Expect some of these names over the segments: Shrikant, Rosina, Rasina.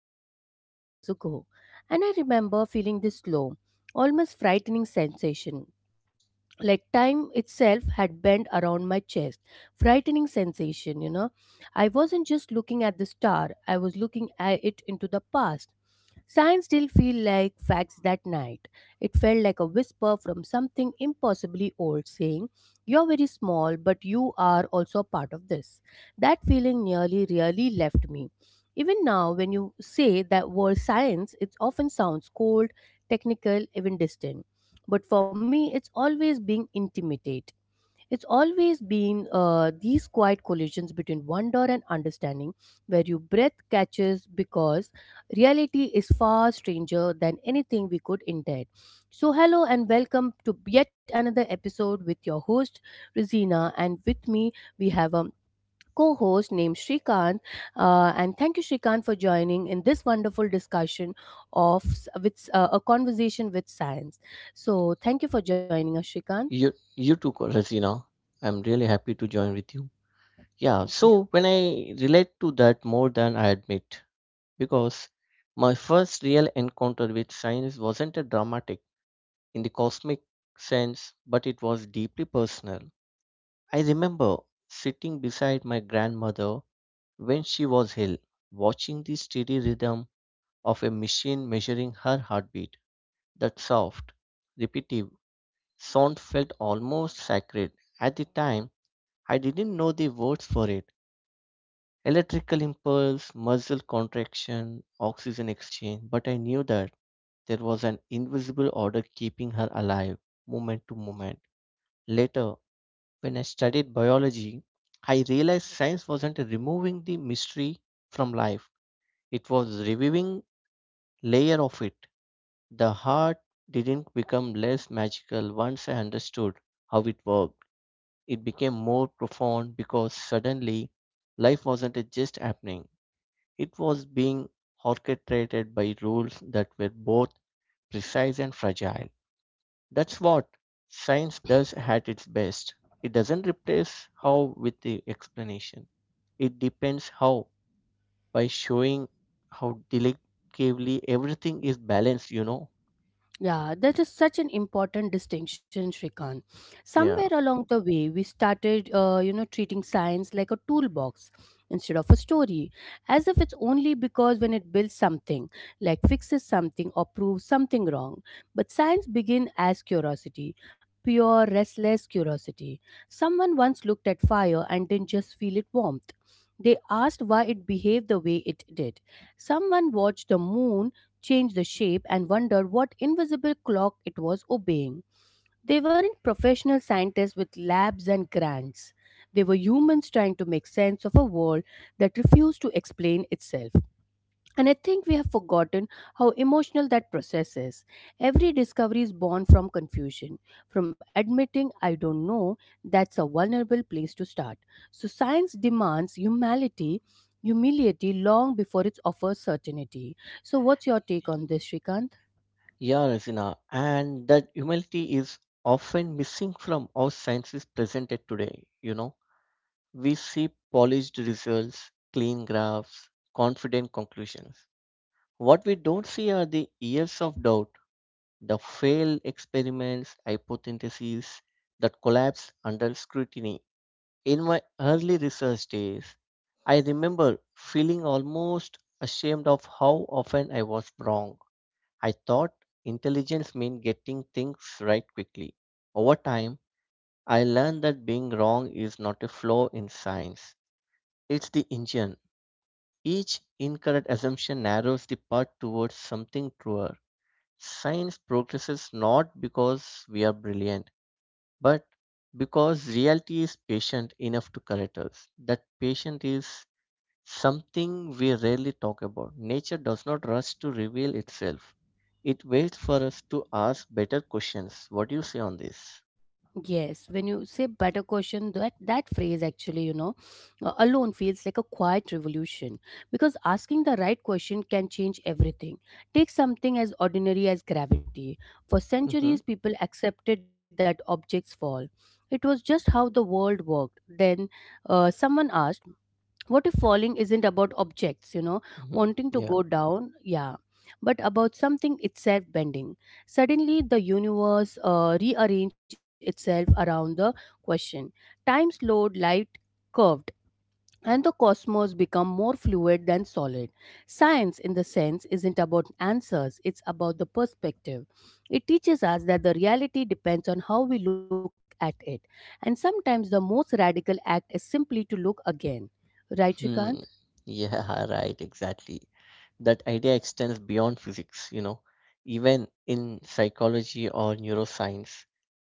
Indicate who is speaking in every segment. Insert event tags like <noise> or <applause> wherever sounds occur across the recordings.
Speaker 1: millions of years ago." And I remember feeling this low, almost frightening sensation, like time itself had bent around my chest, frightening sensation. I wasn't just looking at the star, I was looking at it into the past. Science still feel like facts that night. It felt like a whisper from something impossibly old saying, you're very small, but you are also a part of this. That feeling nearly really left me. Even now, when you say that word science, it often sounds cold, technical, even distant. But for me, it's always being intimidate, it's always been these quiet collisions between wonder and understanding, where your breath catches because reality is far stranger than anything we could intend. So hello and welcome to yet another episode with your host Rosina, and with me we have a co host named Shrikant. And thank you, Shrikant, for joining in this wonderful discussion with a conversation with science. So, thank you for joining us, Shrikant.
Speaker 2: You too, Rasina. I'm really happy to join with you. Yeah,
Speaker 1: Yeah.
Speaker 2: so when I relate to that more than I admit, because my first real encounter with science wasn't a dramatic in the cosmic sense, but it was deeply personal. I remember sitting beside my grandmother when she was ill, watching the steady rhythm of a machine measuring her heartbeat. That soft, repetitive sound felt almost sacred. At the time, I didn't know the words for it. Electrical impulse, muscle contraction, oxygen exchange, but I knew that there was an invisible order keeping her alive, moment to moment. Later, when I studied biology, I realized science wasn't removing the mystery from life. It was reviewing layer of it. The heart didn't become less magical once I understood how it worked. It became more profound because suddenly life wasn't just happening, it was being orchestrated by rules that were both precise and fragile. That's what science does at its best. It doesn't replace how with the explanation, it depends how by showing how delicately everything is balanced,
Speaker 1: Yeah, that is such an important distinction, Shrikant. Somewhere
Speaker 2: Yeah.
Speaker 1: along the way, we started, you know, treating science like a toolbox instead of a story, as if it's only because when it builds something, like fixes something or proves something wrong. But science begin as curiosity, pure, restless curiosity. Someone once looked at fire and didn't just feel it warmth. They asked why it behaved the way it did. Someone watched the moon change the shape, and wonder what invisible clock it was obeying. They weren't professional scientists with labs and grants. They were humans trying to make sense of a world that refused to explain itself. And I think we have forgotten how emotional that process is. Every discovery is born from confusion, from admitting I don't know, that's a vulnerable place to start. So science demands humility, humility long before it offers certainty. So what's your take on this, Shrikant?
Speaker 2: Yeah, Rasina, and that humility is often missing from how science is presented today. You know, we see polished results, clean graphs, confident conclusions. What we don't see are the years of doubt, the failed experiments, hypotheses that collapse under scrutiny. In my early research days, I remember feeling almost ashamed of how often I was wrong. I thought intelligence meant getting things right quickly. Over time, I learned that being wrong is not a flaw in science, it's the engine. Each incorrect assumption narrows the path towards something truer. Science progresses not because we are brilliant, but because reality is patient enough to correct us. That patience is something we rarely talk about. Nature does not rush to reveal itself. It waits for us to ask better questions. What do you say on this?
Speaker 1: Yes, when you say better question, that phrase actually, you know, alone feels like a quiet revolution because asking the right question can change everything. Take something as ordinary as gravity. For
Speaker 2: Mm-hmm.
Speaker 1: centuries, people accepted that objects fall. It was just how the world worked. Then someone asked, what if falling isn't about objects, you know,
Speaker 2: Hmm.
Speaker 1: wanting to
Speaker 2: Yeah.
Speaker 1: go down, yeah, but about something itself bending. Suddenly the universe rearrange itself around the question. Time slowed, light curved, and the cosmos become more fluid than solid. Science in the sense isn't about answers, it's about the perspective. It teaches us that the reality depends on how we look at it, and sometimes the most radical act is simply to look again, right Shrikant?
Speaker 2: Hmm. Yeah, <laughs> right, exactly. That idea extends beyond physics, you know. Even in psychology or neuroscience,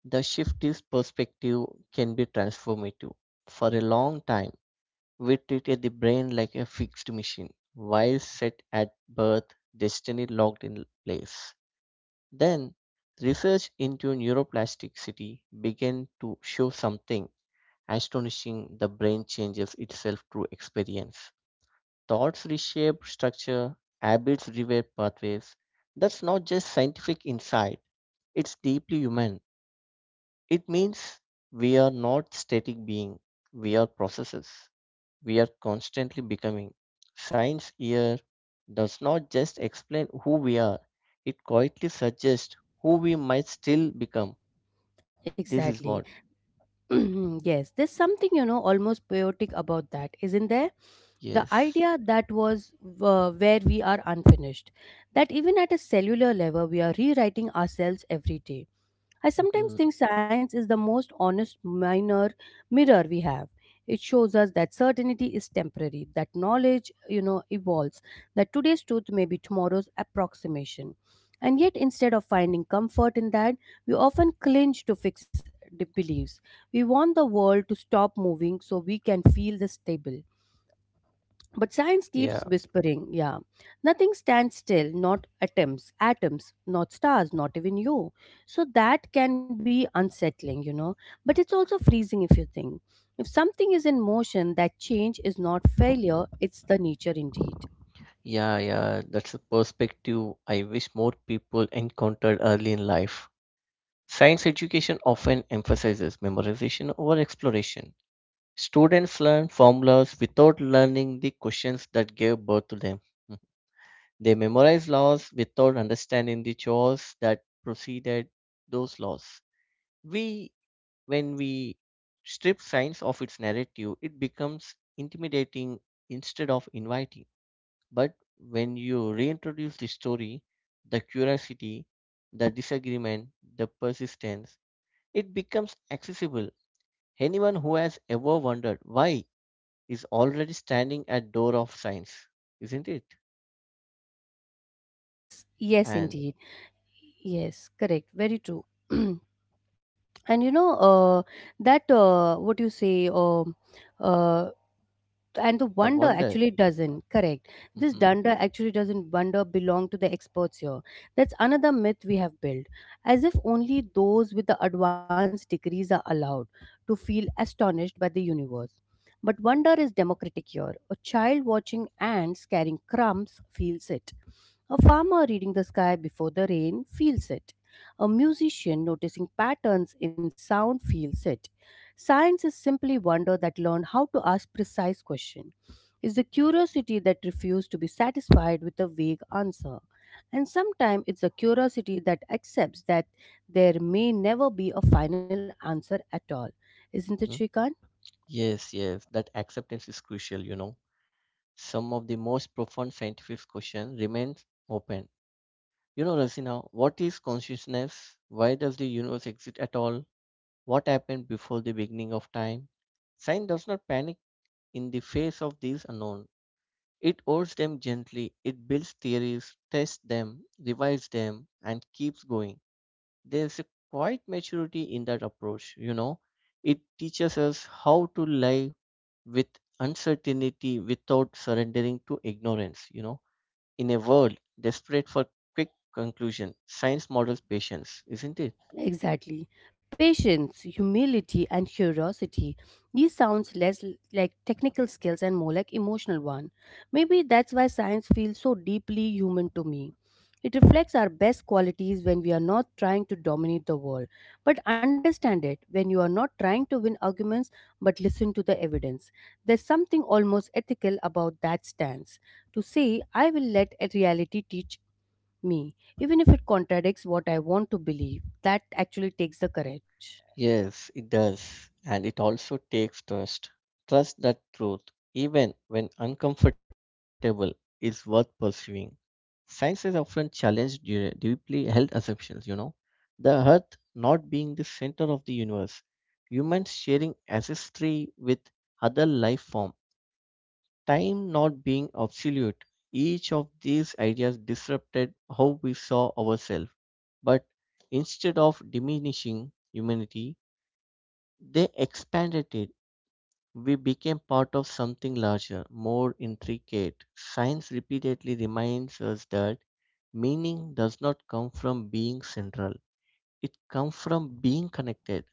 Speaker 2: the shift is perspective can be transformative. For a long time, we treated the brain like a fixed machine. While set at birth, destiny locked in place. Then, research into neuroplasticity began to show something astonishing. The brain changes itself through experience. Thoughts reshape structure, habits rewire pathways. That's not just scientific insight, it's deeply human. It means we are not static beings, we are processes, we are constantly becoming. Science here does not just explain who we are, it quietly suggests who we might still become. This is
Speaker 1: Exactly.
Speaker 2: what,
Speaker 1: <clears throat> Yes, there's something, you know, almost poetic about that, isn't there? The
Speaker 2: yes.
Speaker 1: idea that was where we are unfinished, that even at a cellular level, we are rewriting ourselves every day. I
Speaker 2: Mhm.
Speaker 1: sometimes think science is the most honest minor mirror we have. It shows us that certainty is temporary, that knowledge, you know, evolves, that today's truth may be tomorrow's approximation. And yet, instead of finding comfort in that, we often cling to fixed beliefs. We want the world to stop moving so we can feel the stable. But science
Speaker 2: Yeah,
Speaker 1: keeps whispering, yeah. Nothing stands still, not atoms, not stars, not even you. So that can be unsettling, you know. But it's also freezing if you think. If something is in motion, that change is not failure, it's the nature indeed.
Speaker 2: yeah, yeah. That's a perspective I wish more people encountered early in life. Science education often emphasizes memorization over exploration. Students learn formulas without learning the questions that gave birth to them. They memorized laws without understanding the chores that preceded those laws. We, when we strip science of its narrative, it becomes intimidating instead of inviting. But when you reintroduce the story, the curiosity, the disagreement, the persistence, it becomes accessible. Anyone who has ever wondered why is already standing at door of science, isn't it?
Speaker 1: Yes, yes,
Speaker 2: And
Speaker 1: indeed. Yes, correct. Very true. <clears throat> And you know, that what you say uh, and the
Speaker 2: the
Speaker 1: wonder
Speaker 2: wonder.
Speaker 1: actually doesn't correct this
Speaker 2: Mhm.
Speaker 1: dunder actually doesn't wonder belong to the experts here. That's another myth we have built, as if only those with the advanced degrees are allowed to feel astonished by the universe. But wonder is democratic here. A child watching ants carrying crumbs feels it, a farmer reading the sky before the rain feels it, a musician noticing patterns in sound feels it. Science is simply wonder that learned how to ask precise questions. It's the curiosity that refused to be satisfied with a vague answer. And sometimes it's a curiosity that accepts that there may never be a final answer at all. Isn't it, Shrikant?
Speaker 2: Yes, yes, that acceptance is crucial, you know. Some of the most profound scientific questions remain open. You know, Rasina, what is consciousness? Why does the universe exist at all? What happened before the beginning of time? Science does not panic in the face of these unknown. It holds them gently, it builds theories, tests them, revises them, and keeps going. There's a quiet maturity in that approach, you know. It teaches us how to live with uncertainty without surrendering to ignorance, you know, in a world desperate for quick conclusion, science models patience, isn't it?
Speaker 1: Exactly. Patience, humility, and curiosity. These sounds like technical skills and more like emotional one. Maybe that's why science feels so deeply human to me. It reflects our best qualities when we are not trying to dominate the world, but understand it, when you are not trying to win arguments but listen to the evidence. There's something almost ethical about that stance. To say, I will let a reality teach me, even if it contradicts what I want to believe. That actually takes the courage.
Speaker 2: Yes, it does. And it also takes trust. Trust that truth, even when uncomfortable, is worth pursuing. Science has often challenged deeply held assumptions, you know. The Earth not being the center of the universe, humans sharing ancestry with other life forms, time not being absolute. Each of these ideas disrupted how we saw ourselves. But instead of diminishing humanity, they expanded it. We became part of something larger, more intricate. Science repeatedly reminds us that meaning does not come from being central, it comes from being connected.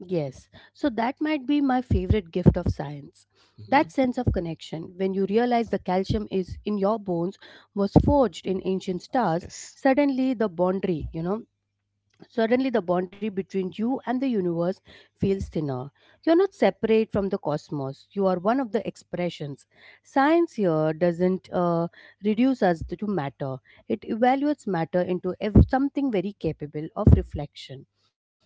Speaker 1: Yes, so that might be my favorite gift of science. That
Speaker 2: Mhm.
Speaker 1: sense of connection, when you realize the calcium is in your bones was forged in ancient stars,
Speaker 2: Yes.
Speaker 1: suddenly the boundary, you know, Suddenly, the boundary between you and the universe feels thinner. You're not separate from the cosmos, you are one of the expressions. Science here doesn't reduce us to matter, it evaluates matter into something very capable of reflection,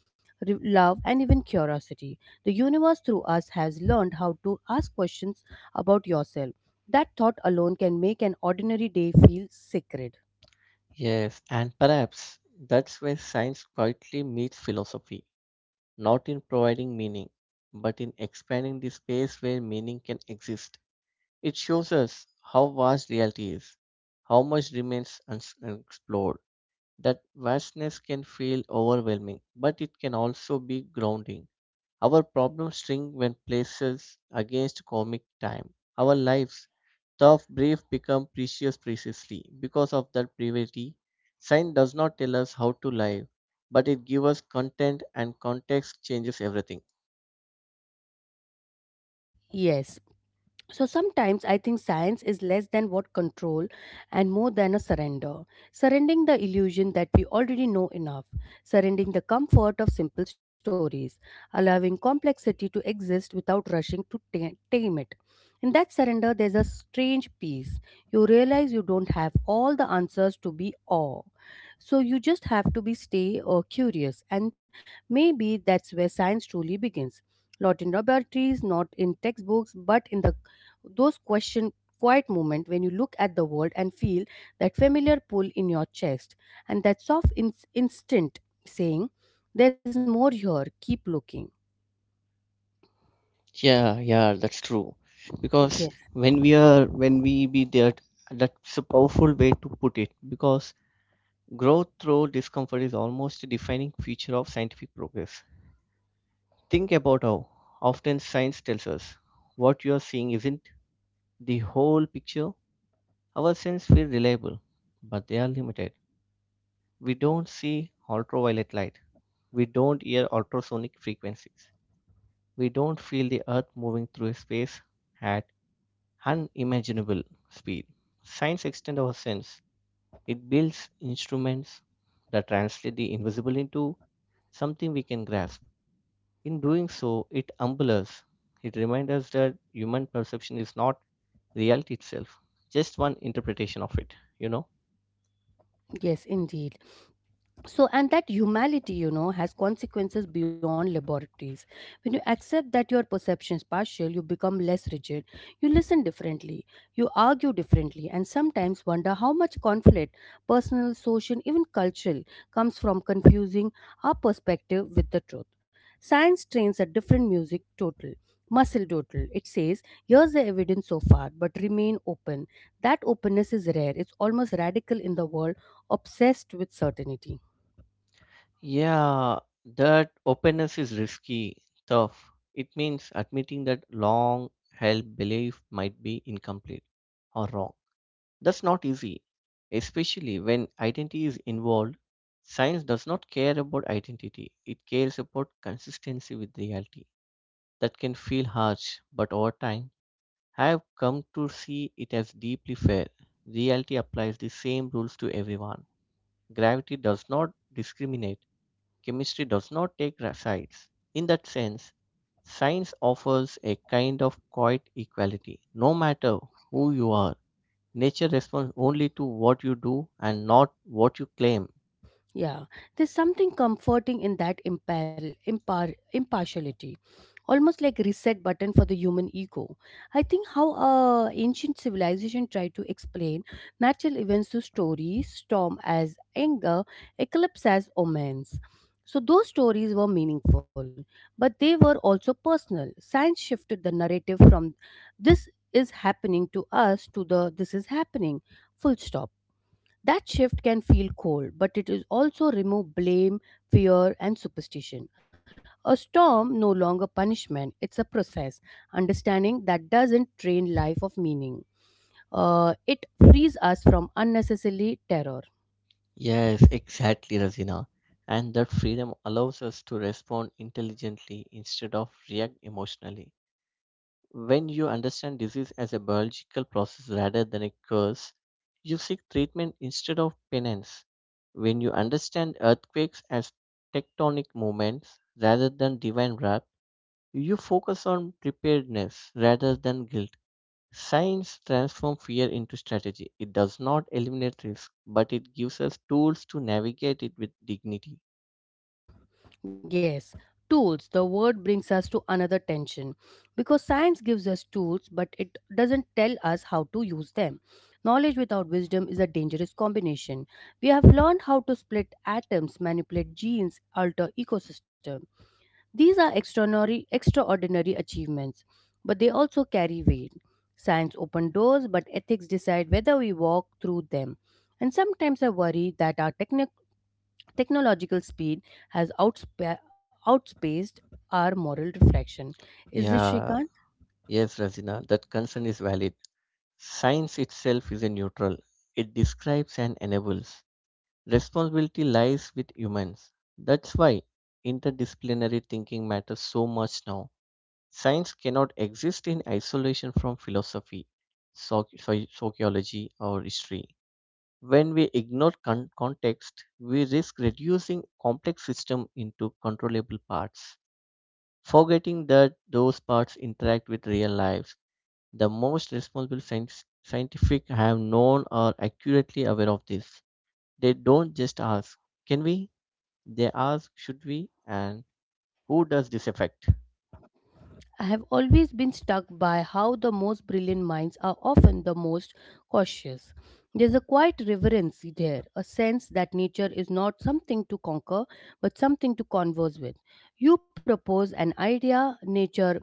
Speaker 1: love, and even curiosity. The universe through us has learned how to ask questions about yourself. That thought alone can make an ordinary day feel sacred.
Speaker 2: Yes, and perhaps that's where science quietly meets philosophy, not in providing meaning, but in expanding the space where meaning can exist. It shows us how vast reality is, how much remains unexplored. That vastness can feel overwhelming, but it can also be grounding. Our problems shrink when places against comic time. Our lives, tough, brief, become precious precisely because of that brevity. Science does not tell us how to live, but it gives us content, and context changes everything.
Speaker 1: Yes, so sometimes I think science is less than what control and more than a surrender. Surrendering the illusion that we already know enough, surrendering the comfort of simple stories, allowing complexity to exist without rushing to tame it. In that surrender, there's a strange peace. You realize you don't have all the answers to be awe. So you just have to be stay or curious, and maybe that's where science truly begins. Not in laboratories, not in textbooks, but in the those question quiet moment when you look at the world and feel that familiar pull in your chest, and that soft instinct saying, there's more here, keep looking.
Speaker 2: Yeah, yeah, that's true. Because
Speaker 1: Yes,
Speaker 2: when we be there, that's a powerful way to put it. Because growth through discomfort is almost a defining feature of scientific progress. Think about how often science tells us what you are seeing isn't the whole picture. Our senses feel reliable, but they are limited. We don't see ultraviolet light. We don't hear ultrasonic frequencies. We don't feel the earth moving through space at unimaginable speed. Science extends our sense. It builds instruments that translate the invisible into something we can grasp. In doing so, it humbles us. It reminds us that human perception is not reality itself, just one interpretation of it, you know?
Speaker 1: yes, indeed. So and that humanity, you know, has consequences beyond laboratories. When you accept that your perception is partial, you become less rigid. You listen differently, you argue differently, and sometimes wonder how much conflict, personal, social, even cultural, comes from confusing our perspective with the truth. Science trains a different music total muscle total. It says, here's the evidence so far, but remain open. That openness is rare, it's almost radical in the world obsessed with certainty.
Speaker 2: Yeah, that openness is risky, tough. It means admitting that long held belief might be incomplete or wrong. That's not easy, especially when identity is involved. Science does not care about identity, it cares about consistency with reality. That can feel harsh, but over time, I have come to see it as deeply fair. Reality applies the same rules to everyone. Gravity does not discriminate, chemistry does not take sides. In that sense, science offers a kind of quiet equality. No matter who you are, nature responds only to what you do and not what you claim.
Speaker 1: Yeah, there's something comforting in that impartiality, almost like reset button for the human ego. I think how ancient civilization tried to explain natural events to stories, storm as anger, eclipse as omens. So those stories were meaningful, but they were also personal. Science shifted the narrative from this is happening to us to the this is happening, full stop. That shift can feel cold, but it is also remove blame, fear, and superstition. A storm no longer punishment; it's a process. Understanding that doesn't drain life of meaning. It frees us from unnecessary terror.
Speaker 2: Yes, exactly, Razina. And that freedom allows us to respond intelligently instead of react emotionally. When you understand disease as a biological process rather than a curse, you seek treatment instead of penance. When you understand earthquakes as tectonic movements rather than divine wrath, you focus on preparedness rather than guilt. Science transforms fear into strategy. It does not eliminate risk, but it gives us tools to navigate it with dignity.
Speaker 1: Yes, tools. The word brings us to another tension because science gives us tools, but it doesn't tell us how to use them. Knowledge without wisdom is a dangerous combination. We have learned how to split atoms, manipulate genes, alter ecosystem. These are extraordinary achievements, but they also carry weight. Science open doors, but ethics decide whether we walk through them. And sometimes I worry that our Technological speed has outspaced our moral reflection. Is this
Speaker 2: Yeah,
Speaker 1: Shrikant?
Speaker 2: yes, Razina, that concern is valid. Science itself is a neutral. It describes and enables. Responsibility lies with humans. That's why interdisciplinary thinking matters so much now. Science cannot exist in isolation from philosophy, sociology, or history. When we ignore context, we risk reducing complex systems into controllable parts, forgetting that those parts interact with real lives. The most responsible science, scientific have known are accurately aware of this. They don't just ask, can we? They ask, should we? And who does this affect?
Speaker 1: I have always been struck by how the most brilliant minds are often the most cautious. There's a quiet reverence there, a sense that nature is not something to conquer, but something to converse with. You propose an idea, nature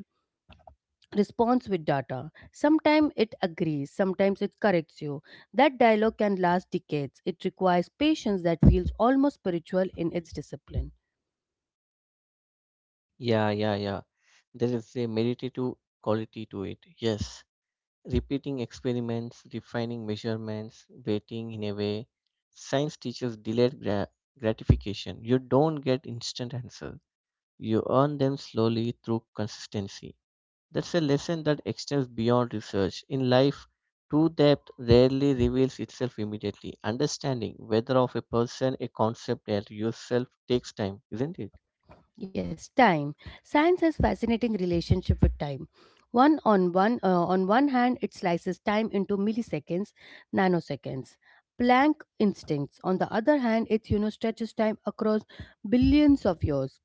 Speaker 1: responds with data. Sometimes it agrees, sometimes it corrects you. That dialogue can last decades. It requires patience that feels almost spiritual in its discipline.
Speaker 2: Yeah, yeah, yeah. There is a meditative quality to it. Yes. Repeating experiments, refining measurements, waiting in a way. Science teaches delayed gratification. You don't get instant answers. You earn them slowly through consistency. That's a lesson that extends beyond research. In life, true depth rarely reveals itself immediately. Understanding whether of a person, a concept, or yourself takes time, isn't it?
Speaker 1: Yes, time. Science has fascinating relationship with time. One on one on one hand, it slices time into milliseconds, nanoseconds. Planck instincts. On the other hand, it, you know, stretches time across billions of years.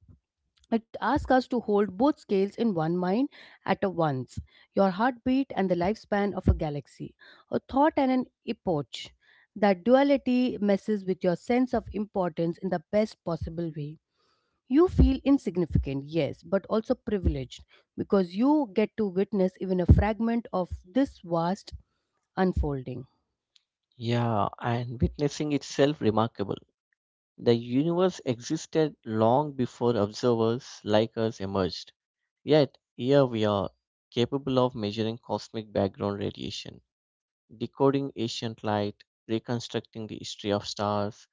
Speaker 1: It asks us to hold both scales in one mind at a once, your heartbeat and the lifespan of a galaxy, a thought and an epoch. That duality messes with your sense of importance in the best possible way. You feel insignificant, yes, but also privileged because you get to witness even a fragment of this vast unfolding.
Speaker 2: Yeah, and witnessing itself remarkable. The universe existed long before observers like us emerged. Yet, here we are, capable of measuring cosmic background radiation, decoding ancient light, reconstructing the history of stars.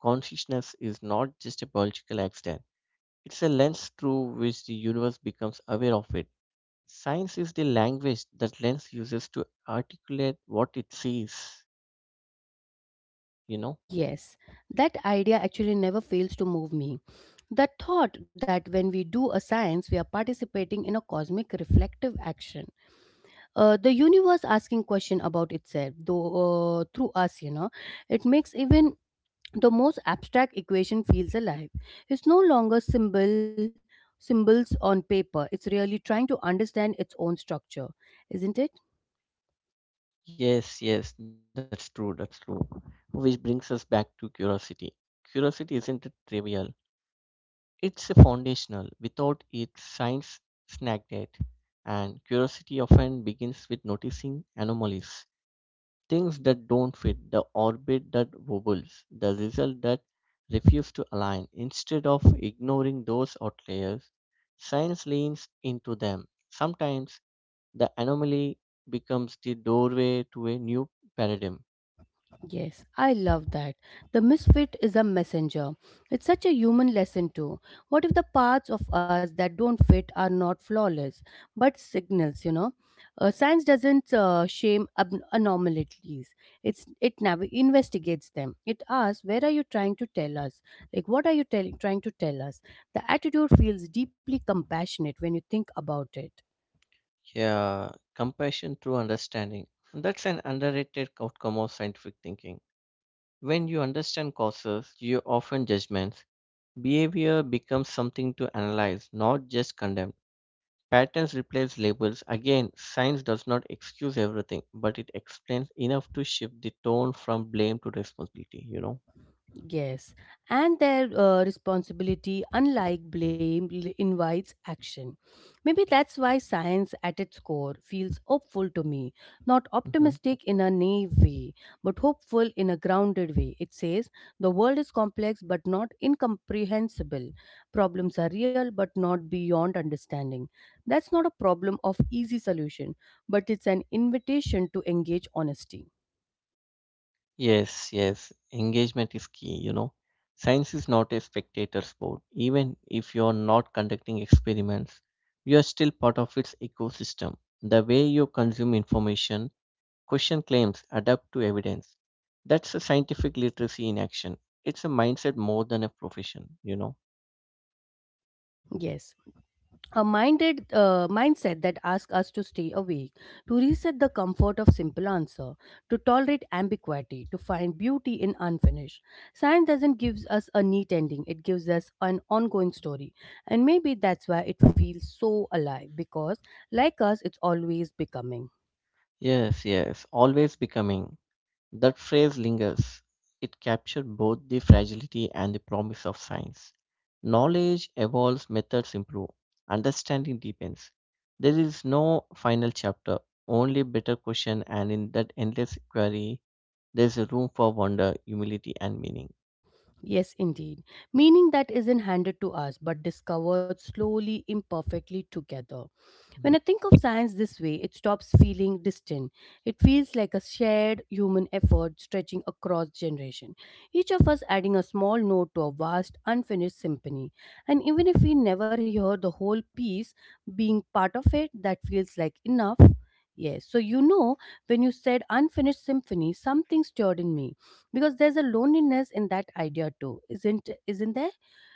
Speaker 2: Consciousness is not just a biological accident, it's a lens through which the universe becomes aware of it. Science is the language that lens uses to articulate what it sees, you know?
Speaker 1: Yes, that idea actually never fails to move me. The thought that when we do a science, we are participating in a cosmic reflective action. The universe asking question about itself, though through us, it makes even the most abstract equation feels alive. It's no longer symbols on paper. It's really trying to understand its own structure, isn't it?
Speaker 2: Yes, yes, that's true, that's true. Which brings us back to curiosity. Curiosity isn't trivial, it's a foundational. Without it, science snagged it. And curiosity often begins with noticing anomalies. Things that don't fit, the orbit that wobbles, the result that refuse to align. Instead of ignoring those outliers, science leans into them. Sometimes the anomaly becomes the doorway to a new paradigm.
Speaker 1: Yes, I love that. The misfit is a messenger. It's such a human lesson, too. What if the parts of us that don't fit are not flawless, but signals? Science doesn't anomalies. It investigates them. It asks, where are you trying to tell us? Like, what are you trying to tell us? The attitude feels deeply compassionate when you think about it.
Speaker 2: Yeah, compassion through understanding. That's an underrated outcome of scientific thinking. When you understand causes, you often judgments. Behavior becomes something to analyze, not just condemn. Patterns replace labels. Again, science does not excuse everything, but it explains enough to shift the tone from blame to responsibility, you know?
Speaker 1: Yes, and their responsibility, unlike blame, invites action. Maybe that's why science at its core feels hopeful to me. Not
Speaker 2: Hmm.
Speaker 1: optimistic in a naive way, but hopeful in a grounded way. It says the world is complex but not incomprehensible. Problems are real but not beyond understanding. That's not a problem of easy solution, but it's an invitation to engage honesty.
Speaker 2: Yes, yes. Engagement is key, you know? Science is not a spectator sport. Even if you're not conducting experiments, you are still part of its ecosystem. The way you consume information, question claims, adapt to evidence. That's a scientific literacy in action. It's a mindset more than a profession, you know?
Speaker 1: Yes, a minded mindset that asks us to stay awake, to reset the comfort of simple answer, to tolerate ambiguity, to find beauty in unfinished. Science doesn't give us a neat ending; it gives us an ongoing story, and maybe that's why it feels so alive because, like us, it's always becoming.
Speaker 2: Yes, yes, always becoming. That phrase lingers. It captured both the fragility and the promise of science. Knowledge evolves, methods improve, understanding deepens. There is no final chapter, only better question, and in that endless inquiry, there is a room for wonder, humility, and meaning.
Speaker 1: Yes, indeed. Meaning that isn't handed to us but discovered slowly, imperfectly together. When I
Speaker 2: Mhm.
Speaker 1: think of science this way, it stops feeling distant. It feels like a shared human effort stretching across generation. Each of us adding a small note to a vast unfinished symphony. And even if we never hear the whole piece, being part of it that feels like enough. Yes, so when you said unfinished symphony, something stirred in me because there's a loneliness in that idea too, isn't there?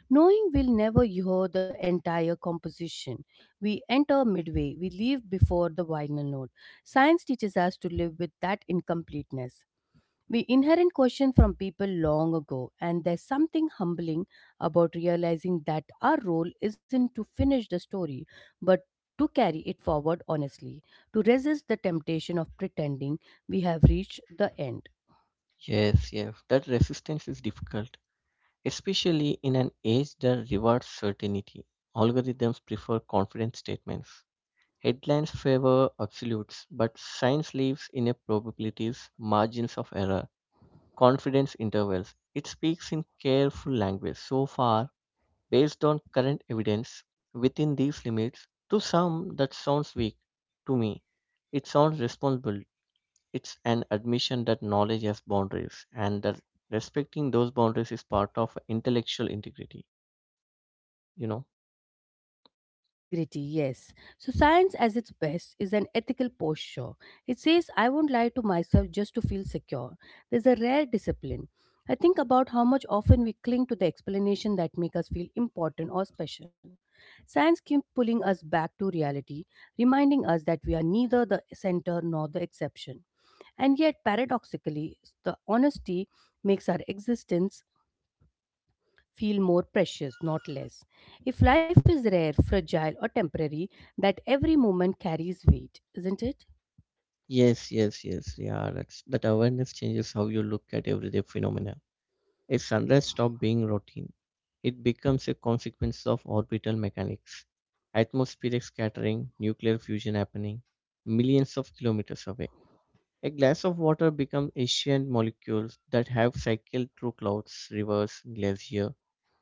Speaker 1: Knowing we'll never hear the entire composition, we enter midway, we leave before the final note. Science teaches us to live with that incompleteness. We inherit questions from people long ago, and there's something humbling about realizing that our role isn't to finish the story, but to carry it forward honestly, to resist the temptation of pretending we have reached the end.
Speaker 2: Yes, that resistance is difficult, especially in an age that rewards certainty. Algorithms prefer confident statements. Headlines favor absolutes, but science lives in a probabilities, margins of error, confidence intervals. It speaks in careful language. So far, based on current evidence, within these limits, to some that sounds weak. To me, it sounds responsible. It's an admission that knowledge has boundaries and that respecting those boundaries is part of intellectual integrity, you know.
Speaker 1: Integrity, yes. So, science as its best is an ethical posture. It says, I won't lie to myself just to feel secure. There's a rare discipline. I think about how much often we cling to the explanation that make us feel important or special. Science keeps pulling us back to reality, reminding us that we are neither the center nor the exception. And yet, paradoxically, the honesty makes our existence feel more precious, not less. If life is rare, fragile, or temporary, that every moment carries weight, isn't it?
Speaker 2: Yes. Yeah, that awareness changes how you look at everyday phenomena. If sunrise stops being routine, it becomes a consequence of orbital mechanics, atmospheric scattering, nuclear fusion happening millions of kilometers away. A glass of water becomes ancient molecules that have cycled through clouds, rivers, glaciers,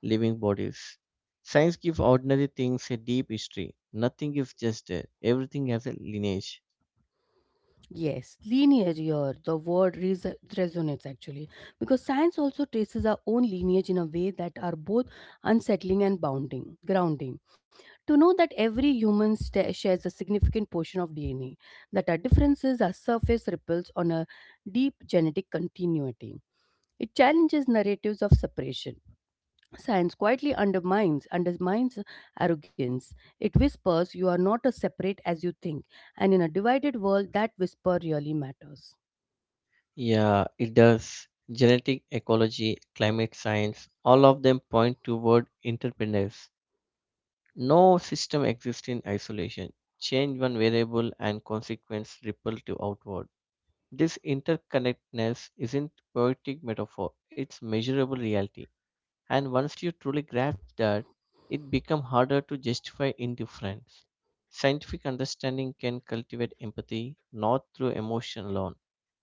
Speaker 2: living bodies. Science gives ordinary things a deep history. Nothing is just there. Everything has a lineage.
Speaker 1: Yes, lineage here, the resonates actually, because science also traces our own lineage in a way that are both unsettling and bounding, grounding. To know that every human sta shares a significant portion of DNA, that our differences are surface ripples on a deep genetic continuity. It challenges narratives of separation. Science quietly undermines arrogance. It whispers you are not as separate as you think, and in a divided world, that whisper really matters.
Speaker 2: Yeah, it does. Genetic ecology, climate science, all of them point toward interdependence. No system exists in isolation. Change one variable and consequence ripple to outward. This interconnectedness isn't poetic metaphor, it's measurable reality. And once you truly grasp that, it becomes harder to justify indifference. Scientific understanding can cultivate empathy not through emotion alone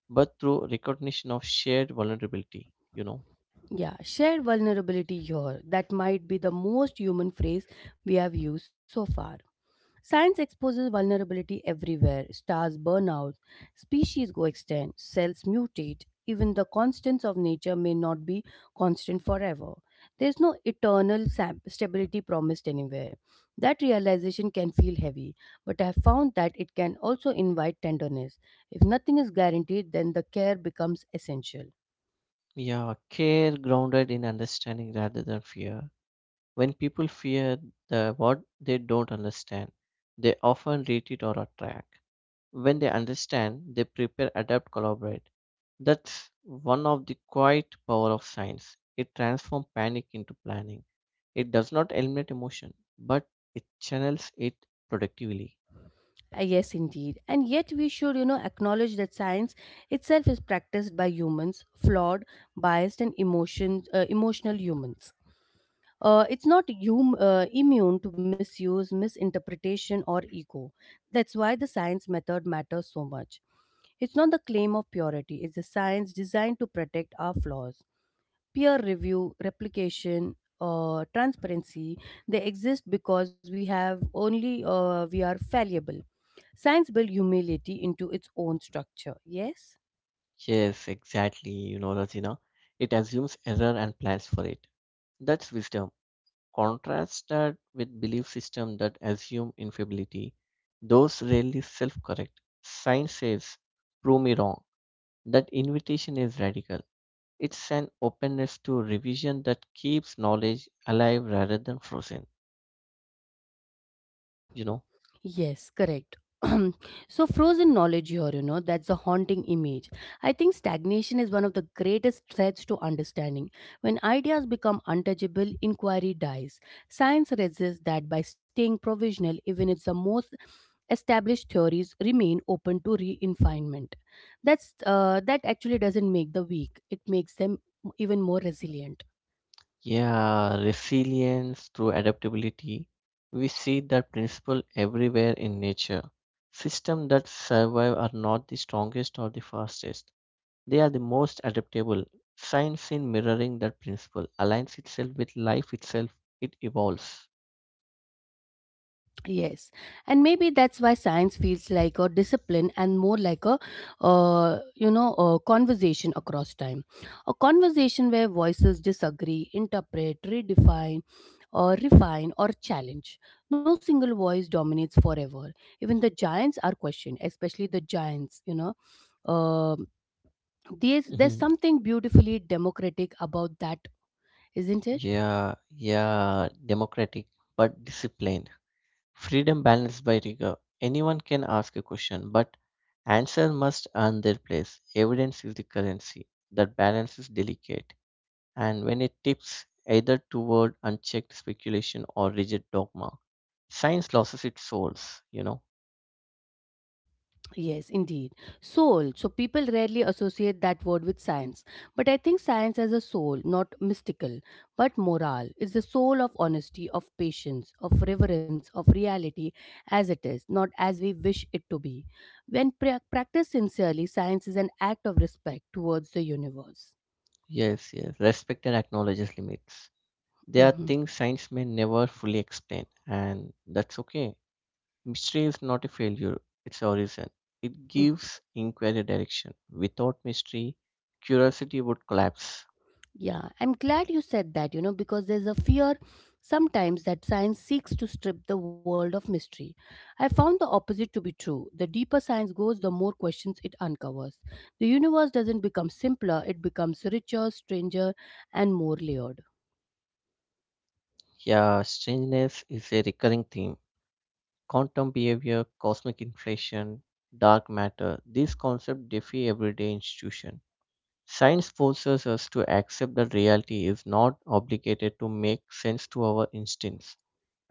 Speaker 2: but through recognition of shared vulnerability.
Speaker 1: Yeah, shared vulnerability here. That might be the most human phrase we have used so far. Science exposes vulnerability everywhere. Stars burn out, species go extinct, cells mutate. Even the constants of nature may not be constant forever. There's no eternal stability promised anywhere. That realization can feel heavy, but I have found that it can also invite tenderness. If nothing is guaranteed, then the care becomes essential.
Speaker 2: Yeah, care grounded in understanding rather than fear. When people fear the what they don't understand, they often retreat or attract. When they understand, they prepare, adapt, collaborate. That's one of the quiet power of science. It transforms panic into planning. It does not eliminate emotion, but it channels it productively.
Speaker 1: Yes, indeed. And yet we should, acknowledge that science itself is practiced by humans, flawed, biased, and emotional humans. It's not immune to misuse, misinterpretation, or ego. That's why the science method matters so much. It's not the claim of purity, it's the science designed to protect our flaws. Peer review, replication, transparency, they exist because we are fallible. Science built humility into its own structure, yes?
Speaker 2: Yes, exactly, Rajina. It assumes error and plans for it. That's wisdom. Contrast that with belief system that assume infallibility. Those rarely self-correct. Science says, prove me wrong. That invitation is radical. It's an openness to revision that keeps knowledge alive rather than frozen, you know.
Speaker 1: Yes, correct. <clears throat> So frozen knowledge here, that's a haunting image. I think stagnation is one of the greatest threats to understanding. When ideas become untouchable, inquiry dies. Science resists that by staying provisional even if the most established theories remain open to refinement. That actually doesn't make the weak, it makes them even more resilient.
Speaker 2: Yeah, resilience through adaptability. We see that principle everywhere in nature. Systems that survive are not the strongest or the fastest. They are the most adaptable. Science in mirroring that principle aligns itself with life itself. It evolves.
Speaker 1: Yes, and maybe that's why science feels like a discipline and more like a, a conversation across time, a conversation where voices disagree, interpret, redefine, or refine or challenge. No single voice dominates forever. Even the giants are questioned, especially the giants, you know. Um there's
Speaker 2: Mhm.
Speaker 1: something beautifully democratic about that, isn't it?
Speaker 2: Yeah, democratic but disciplined. Freedom balanced by rigor. Anyone can ask a question, but answer must earn their place. Evidence is the currency. That balance is delicate, and when it tips either toward unchecked speculation or rigid dogma, science loses its souls.
Speaker 1: Yes, indeed. Soul. So people rarely associate that word with science. But I think science has a soul, not mystical, but moral. It's the soul of honesty, of patience, of reverence, of reality as it is, not as we wish it to be. When practiced sincerely, science is an act of respect towards the universe.
Speaker 2: Yes, yes. Respect and acknowledges limits. There are
Speaker 1: Mhm.
Speaker 2: things science may never fully explain, and that's okay. Mystery is not a failure, it's a reason. It gives inquiry direction. Without mystery, curiosity would collapse.
Speaker 1: Yeah, I'm glad you said that, because there's a fear sometimes that science seeks to strip the world of mystery. I found the opposite to be true. The deeper science goes, the more questions it uncovers. The universe doesn't become simpler, it becomes richer, stranger, and more layered.
Speaker 2: Yeah, strangeness is a recurring theme. Quantum behavior, cosmic inflation, dark matter, these concepts defy everyday institution. Science forces us to accept that reality is not obligated to make sense to our instincts.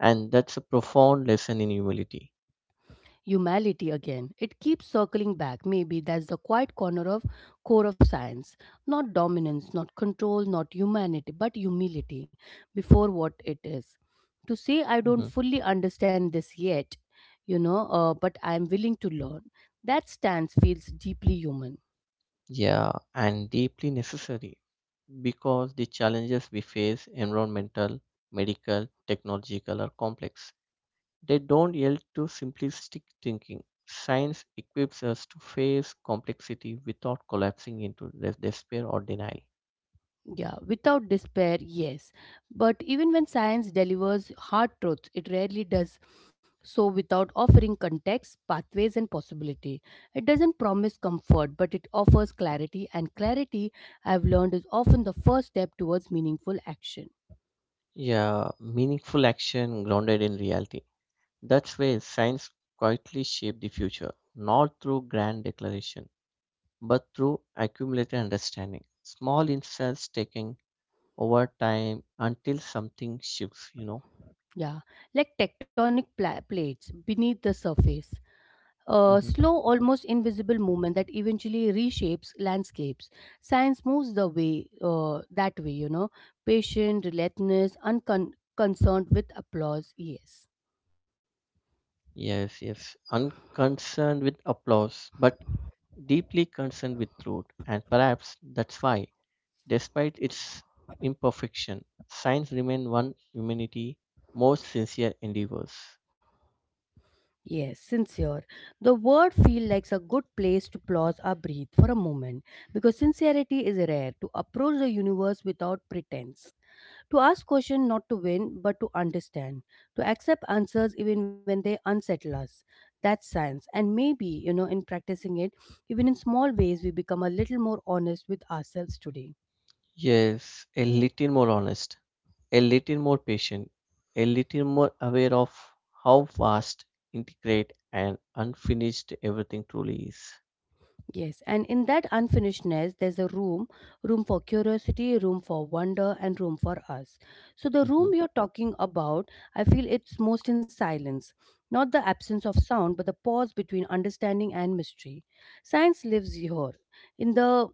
Speaker 2: And that's a profound lesson in humility.
Speaker 1: Humanity again. It keeps circling back. Maybe that's the quiet corner of core of science. Not dominance, not control, not humanity, but humility before what it is. To say I
Speaker 2: Mhm.
Speaker 1: don't fully understand this yet, but I am willing to learn. That stance feels deeply human.
Speaker 2: Yeah, and deeply necessary, because the challenges we face, environmental, medical, technological, are complex. They don't yield to simplistic thinking. Science equips us to face complexity without collapsing into despair or denial.
Speaker 1: Yeah, without despair, yes. But even when science delivers hard truths, it rarely does so without offering context, pathways, and possibility. It doesn't promise comfort, but it offers clarity, and clarity, I've learned, is often the first step towards meaningful action.
Speaker 2: Yeah, meaningful action grounded in reality. That's where science quietly shapes the future, not through grand declaration, but through accumulated understanding. Small insights taken over time until something shifts.
Speaker 1: Yeah, like tectonic plates beneath the surface. A
Speaker 2: Mhm.
Speaker 1: slow, almost invisible movement that eventually reshapes landscapes. Science moves the way that way, you know, patient, relentless, unconcerned with applause. Yes,
Speaker 2: Yes, yes. Unconcerned with applause, but deeply concerned with truth. And perhaps that's why, despite its imperfection, science remains one humanity's most sincere endeavors.
Speaker 1: yes, sincere. The word feel like a good place to pause or breathe for a moment because sincerity is rare to approach the universe without pretense. To ask questions not to win, but to understand. To accept answers even when they unsettle us. That's science. And maybe, in practicing it, even in small ways, we become a little more honest with ourselves today.
Speaker 2: Yes, a little more honest, a little more patient, a little more aware of how vast, integrate, and unfinished everything truly is.
Speaker 1: Yes, and in that unfinishedness, there's a room for curiosity, room for wonder, and room for us. So, the
Speaker 2: Mhm.
Speaker 1: room you're talking about, I feel it's most in silence. Not the absence of sound, but the pause between understanding and mystery. Science lives here in the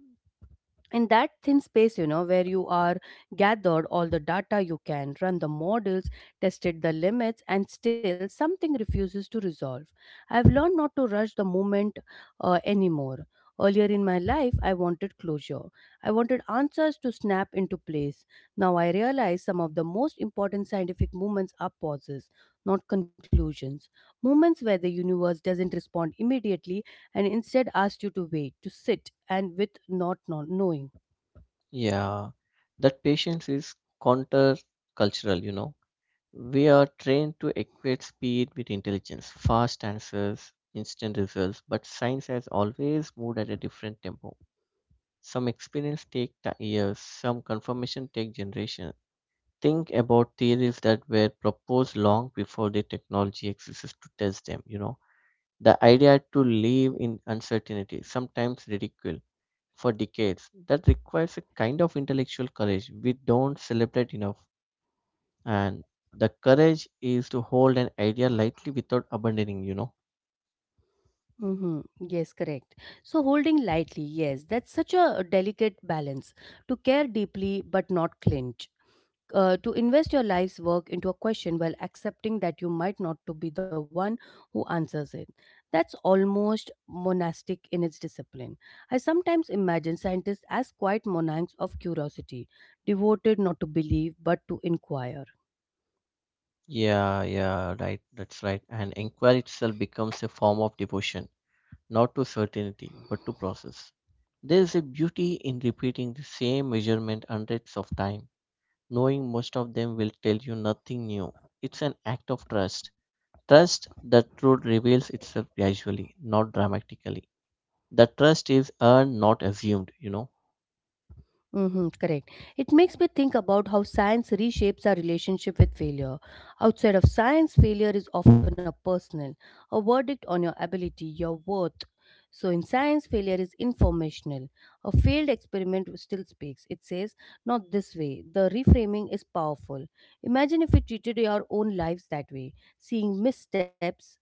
Speaker 1: in that thin space, where you are gathered all the data, you can run the models, tested the limits, and still something refuses to resolve. I've learned not to rush the moment anymore. Earlier in my life I wanted closure, I wanted answers to snap into place. Now I realize some of the most important scientific movements are pauses, not conclusions, moments where the universe doesn't respond immediately and instead asks you to wait, to sit and with not knowing.
Speaker 2: Yeah, that patience is counter cultural. We are trained to equate speed with intelligence, fast answers, instant results, but science has always moved at a different tempo. Some experience take years, some confirmation take generations. Think about theories that were proposed long before the technology exists to test them. The idea to live in uncertainty, sometimes ridicule, for decades, that requires a kind of intellectual courage we don't celebrate enough and the courage is to hold an idea lightly without abandoning.
Speaker 1: Mm-hmm. Yes, correct. So holding lightly, yes, that's such a delicate balance to care deeply but not clinch. To invest your life's work into a question while accepting that you might not to be the one who answers it, that's almost monastic in its discipline. I sometimes imagine scientists as quiet monarchs of curiosity, devoted not to believe but to inquire.
Speaker 2: Yeah, right. That's right. And inquiry itself becomes a form of devotion, not to certainty, but to process. There is a beauty in repeating the same measurement hundreds of times, knowing most of them will tell you nothing new. It's an act of trust. Trust that truth reveals itself gradually, not dramatically. The trust is earned, not assumed.
Speaker 1: Mm-hmm, correct. It makes me think about how science reshapes our relationship with failure. Outside of science, failure is often a personal, a verdict on your ability, your worth. So in science, failure is informational. A failed experiment still speaks. It says, not this way. The reframing is powerful. Imagine if we treated our own lives that way, seeing missteps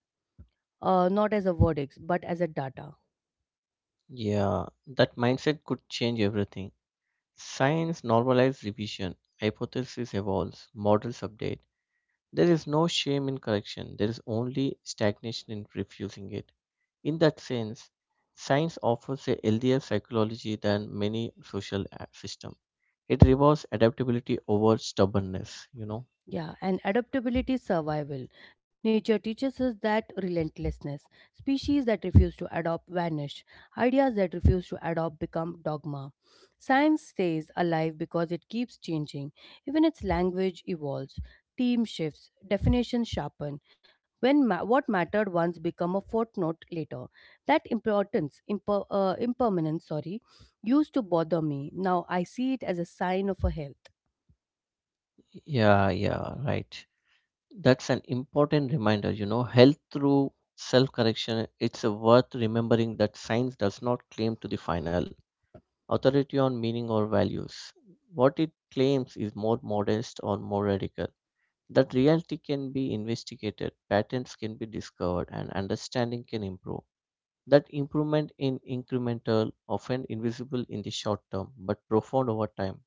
Speaker 1: not as a verdict, but as a data.
Speaker 2: Yeah, that mindset could change everything. Science normalizes revision, hypothesis evolves, models update. There is no shame in correction, there is only stagnation in refusing it. In that sense, science offers a healthier psychology than many social system. It rewards adaptability over stubbornness?
Speaker 1: Yeah, and adaptability is survival. Nature teaches us that relentlessness. Species that refuse to adopt vanish. Ideas that refuse to adopt become dogma. Science stays alive because it keeps changing. Even its language evolves. Team shifts. Definitions sharpen. When what mattered once become a footnote later. That impermanence, sorry, used to bother me. Now I see it as a sign of a health.
Speaker 2: Yeah, right. That's an important reminder, health through self correction. It's worth remembering that science does not claim to the final authority on meaning or values. What it claims is more modest or more radical. That reality can be investigated, patterns can be discovered, and understanding can improve. That improvement in incremental, often invisible in the short term, but profound over time,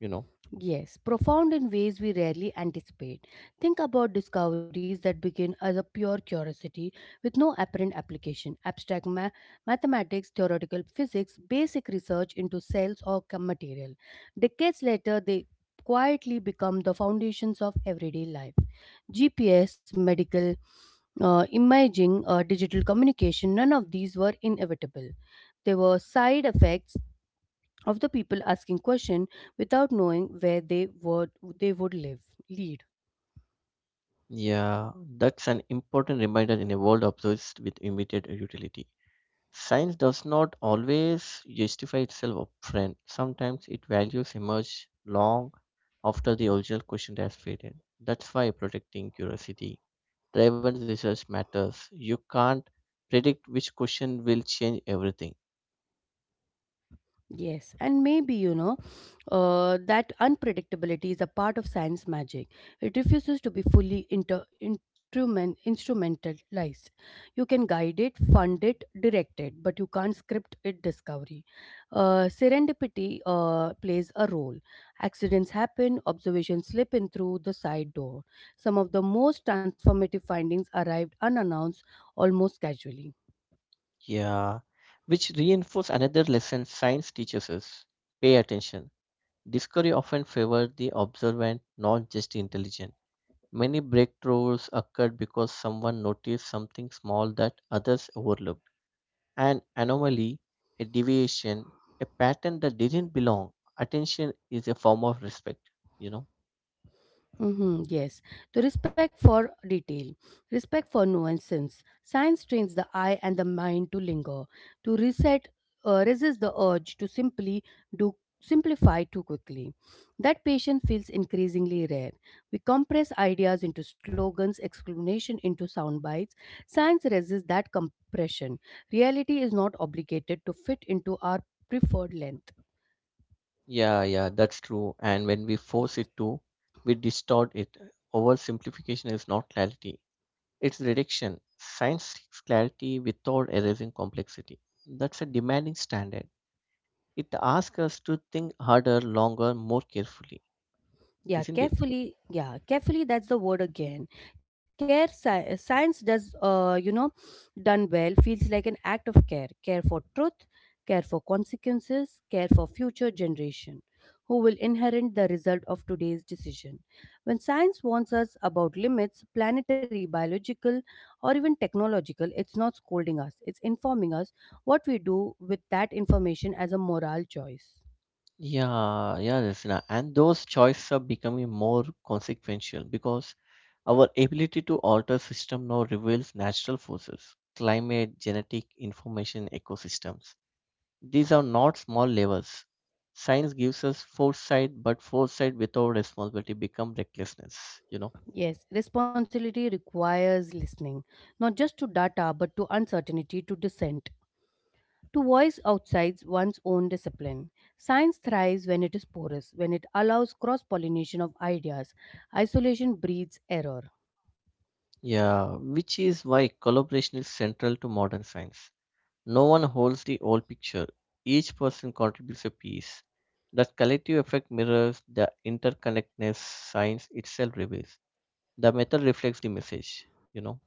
Speaker 2: you know.
Speaker 1: Yes, profound in ways we rarely anticipate. Think about discoveries that begin as a pure curiosity with no apparent application. Abstract mathematics, theoretical physics, basic research into cells or material. Decades later, they quietly become the foundations of everyday life. GPS, medical imaging, digital communication, none of these were inevitable. They were side effects of the people asking question without knowing where they would live lead.
Speaker 2: Yeah, that's an important reminder in a world obsessed with immediate utility. Science does not always justify itself upfront. Sometimes its values emerge long after the original question has faded. That's why protecting curiosity driven research matters. You can't predict which question will change everything.
Speaker 1: Yes, and maybe that unpredictability is a part of science magic. It refuses to be fully instrumentalized. You can guide it, fund it, direct it, but you can't script it discovery. Serendipity plays a role. Accidents happen, observations slip in through the side door. Some of the most transformative findings arrived unannounced, almost casually.
Speaker 2: Yeah, which reinforce another lesson science teaches us. Pay attention. Discovery often favored the observant, not just intelligent. Many breakthroughs occurred because someone noticed something small that others overlooked, an anomaly, a deviation, a pattern that didn't belong. Attention is a form of respect, you know.
Speaker 1: Mm-hmm, yes. To respect for detail, respect for nuances. Science trains the eye and the mind to linger, to reset, resist the urge to simply do simplify too quickly. That patience feels increasingly rare. We compress ideas into slogans, explanation into sound bites. Science resists that compression. Reality is not obligated to fit into our preferred length.
Speaker 2: Yeah, that's true. And when we force it to, we distort it. Oversimplification is not clarity, it's reduction. Science seeks clarity without erasing complexity. That's a demanding standard. It asks us to think harder, longer, more carefully,
Speaker 1: Yeah,
Speaker 2: isn't it?
Speaker 1: carefully, yeah, carefully, that's the word again. Science does, done well, feels like an act of care, care for truth, care for consequences, care for future generation who will inherit the result of today's decision. When science warns us about limits planetary biological or even technological, it's not scolding us, it's informing us. What we do with that information as a moral choice.
Speaker 2: Yeah, Rasina. And those choices are becoming more consequential because our ability to alter system now reveals natural forces, climate, genetic information, ecosystems. These are not small levers. Science gives us foresight, but foresight without responsibility become recklessness, you know.
Speaker 1: Yes, responsibility requires listening, not just to data but to uncertainty, to dissent, to voice outside one's own discipline. Science thrives when it is porous, when it allows cross pollination of ideas. Isolation breeds error.
Speaker 2: Yeah, which is why collaboration is central to modern science. No one holds the whole picture. Each person contributes a piece. That collective effect mirrors the interconnectedness science itself reveals. The method reflects the message.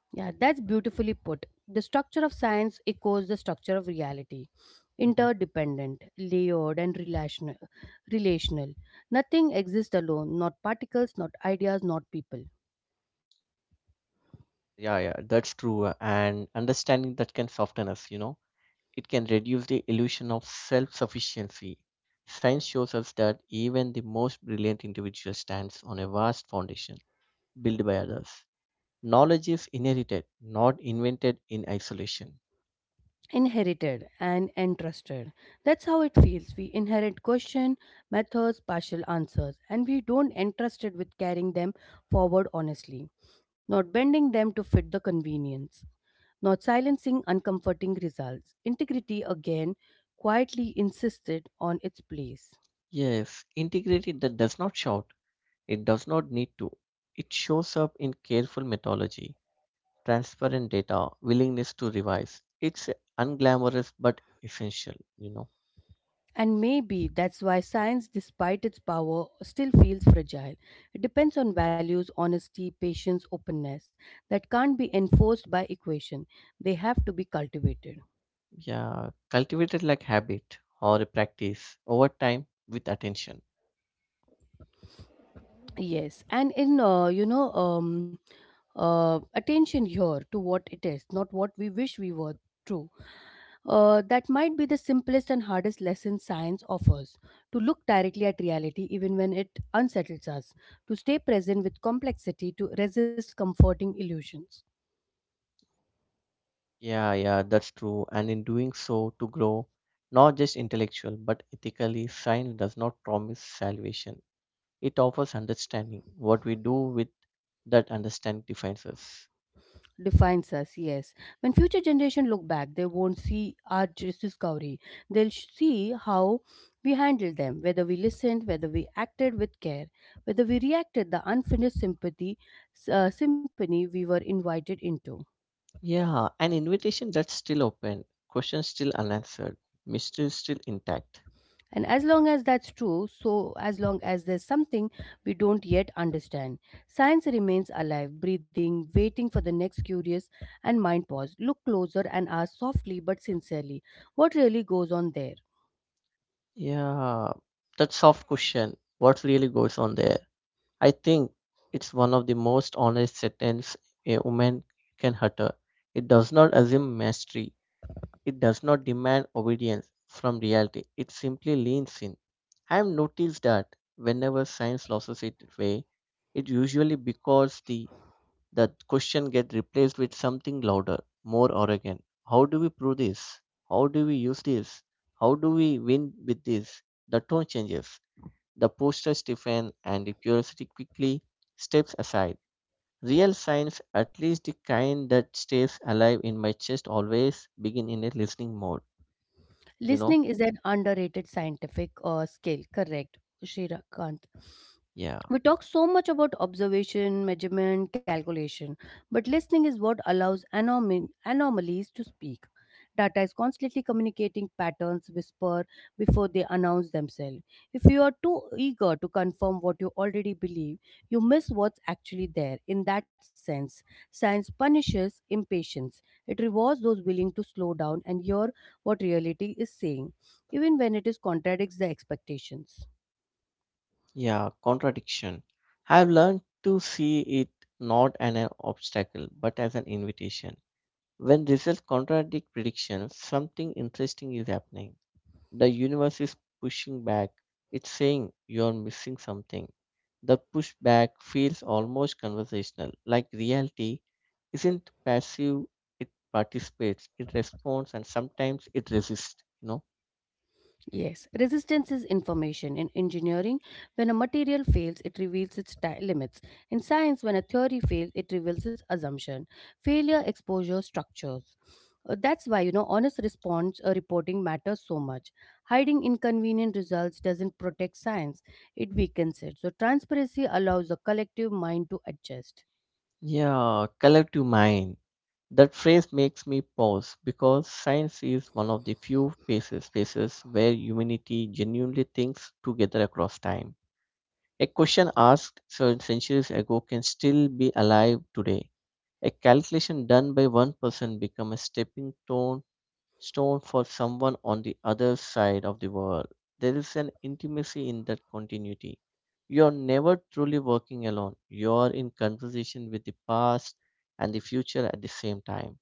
Speaker 1: Yeah, that's beautifully put. The structure of science echoes the structure of reality.
Speaker 2: Mhm.
Speaker 1: Interdependent, layered, and relational. Relational. Nothing exists alone, not particles, not ideas, not people.
Speaker 2: Yeah, that's true. And understanding that can soften us. It can reduce the illusion of self sufficiency. Science shows us that even the most brilliant individual stands on a vast foundation built by others. Knowledge is inherited, not invented in isolation.
Speaker 1: Inherited and entrusted, that's how it feels. We inherit question, methods, partial answers, and we don't entrusted with carrying them forward honestly, not bending them to fit the convenience, not silencing uncomforting results. Integrity again quietly insisted on its place.
Speaker 2: Yes, integrity that does not shout. It does not need to. It shows up in careful methodology, transparent data, willingness to revise. It's unglamorous but essential.
Speaker 1: And maybe that's why science, despite its power, still feels fragile. It depends on values, honesty, patience, openness that can't be enforced by equation. They have to be cultivated.
Speaker 2: Yeah, cultivated like habit or a practice over time with attention.
Speaker 1: Yes, and in attention here to what it is, not what we wish we were. True. That might be the simplest and hardest lesson science offers, to look directly at reality even when it unsettles us, to stay present with complexity, to resist comforting illusions.
Speaker 2: Yeah, that's true. And in doing so, to grow, not just intellectual but ethically, science does not promise salvation. It offers understanding. What we do with that understanding defines us.
Speaker 1: Defines us, yes. When future generation look back, they won't see our just discovery. See how we handled them, whether we listened, whether we acted with care, whether we reacted the unfinished sympathy, symphony we were invited into.
Speaker 2: Yeah, an invitation that's still open, questions still unanswered, mystery still intact.
Speaker 1: And as long as that's true, so as long as there's something we don't yet understand, science remains alive, breathing, waiting for the next curious and mind pause. Look closer and ask softly but sincerely what really goes on there.
Speaker 2: Yeah, that soft question, what really goes on there? I think it's one of the most honest sentence a woman can utter. It does not assume mastery. It does not demand obedience from reality. It simply leans in. I have noticed that whenever science loses its way, it usually because the question get replaced with something louder, more arrogant. How do we prove this? How do we use this? How do we win with this? The tone changes. The posture stiffens and the curiosity quickly steps aside. Real science, at least the kind that stays alive in my chest, always begin in a listening mode. You know?
Speaker 1: Listening is an underrated scientific skill, correct, Shrikant?
Speaker 2: Yeah.
Speaker 1: We talk so much about observation, measurement, calculation, but listening is what allows anomalies to speak. Data is constantly communicating patterns, whisper before they announce themselves. If you are too eager to confirm what you already believe, you miss what's actually there. In that sense, science punishes impatience. It rewards those willing to slow down and hear what reality is saying, even when it is contradicts the expectations.
Speaker 2: Yeah. Contradiction. I've learned to see it not as an obstacle, but as an invitation. When results contradict predictions, something interesting is happening. The universe is pushing back. It's saying you're missing something. The pushback feels almost conversational, like reality isn't passive, it participates, it responds, and sometimes it resists.
Speaker 1: Yes, resistance is information. In engineering, when a material fails, it reveals its limits. In science, when a theory fails, it reveals its assumption. Failure, exposure, structures. That's why, honest response reporting matters so much. Hiding inconvenient results doesn't protect science, it weakens it. So, transparency allows the collective mind to adjust.
Speaker 2: Yeah, collective mind. That phrase makes me pause because science is one of the few spaces where humanity genuinely thinks together across time. A question asked centuries ago can still be alive today. A calculation done by one person become a stepping stone for someone on the other side of the world. There is an intimacy in that continuity. You're never truly working alone. You're in conversation with the past and the future at the same time.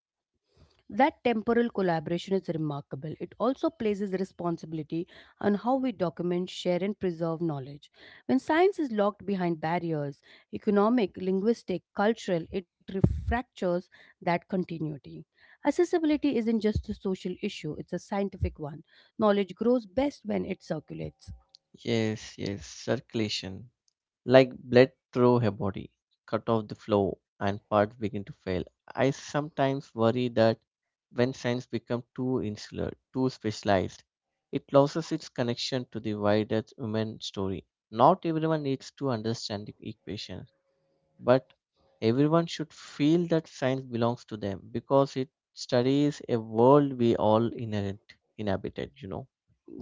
Speaker 1: That temporal collaboration is remarkable. It also places responsibility on how we document, share, and preserve knowledge. When science is locked behind barriers economic, linguistic, cultural, it refractures that continuity. Accessibility isn't just a social issue, it's a scientific one. Knowledge grows best when it circulates.
Speaker 2: Yes, yes, circulation, like blood through her body, cut off the flow, and parts begin to fail. I sometimes worry that when science becomes too insular, too specialized, it loses its connection to the wider human story. Not everyone needs to understand the equation, but everyone should feel that science belongs to them because it studies a world we all inherent inhabited.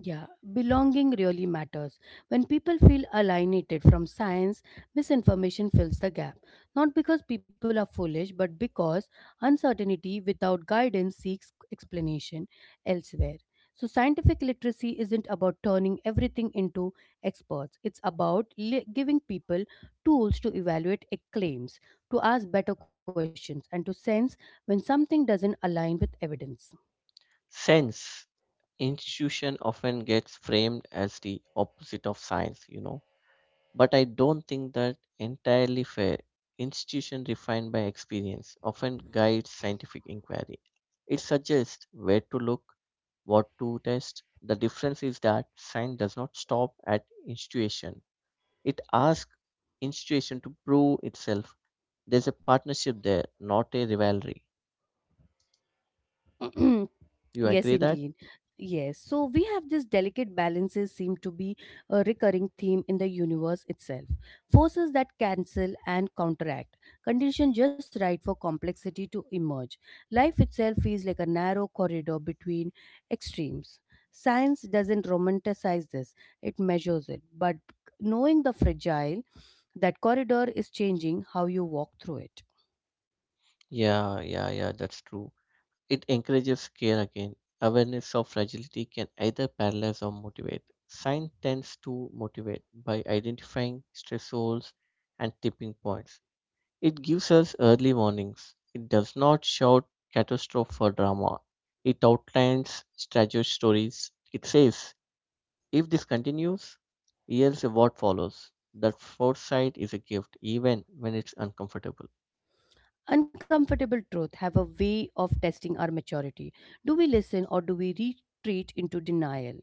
Speaker 1: Yeah, belonging really matters. When people feel alienated from science, misinformation fills the gap. Not because people are foolish, but because uncertainty without guidance seeks explanation elsewhere. So, scientific literacy isn't about turning everything into experts. It's about giving people tools to evaluate claims, to ask better questions, and to sense when something doesn't align with evidence.
Speaker 2: Sense institution often gets framed as the opposite of science, but I don't think that entirely fair. Institution refined by experience often guides scientific inquiry. It suggests where to look, what to test. The difference is that science does not stop at institution. It asks institution to prove itself. There's a partnership there, not a rivalry.
Speaker 1: <clears throat>
Speaker 2: You
Speaker 1: Yes,
Speaker 2: agree that?
Speaker 1: indeed. Yes. So we have this delicate balances seem to be a recurring theme in the universe itself. Forces that cancel and counteract. Condition just right for complexity to emerge. Life itself feels like a narrow corridor between extremes. Science doesn't romanticize this, it measures it. But knowing the fragile, that corridor is changing how you walk through it.
Speaker 2: Yeah, that's true. It encourages care again. Awareness of fragility can either paralyze or motivate. Science tends to motivate by identifying stressors and tipping points. It gives us early warnings. It does not shout catastrophe for drama. It outlines tragic stories. It says, if this continues, here's what follows. That foresight is a gift, even when it's uncomfortable.
Speaker 1: Uncomfortable truths have a way of testing our maturity. Do we listen or do we retreat into denial?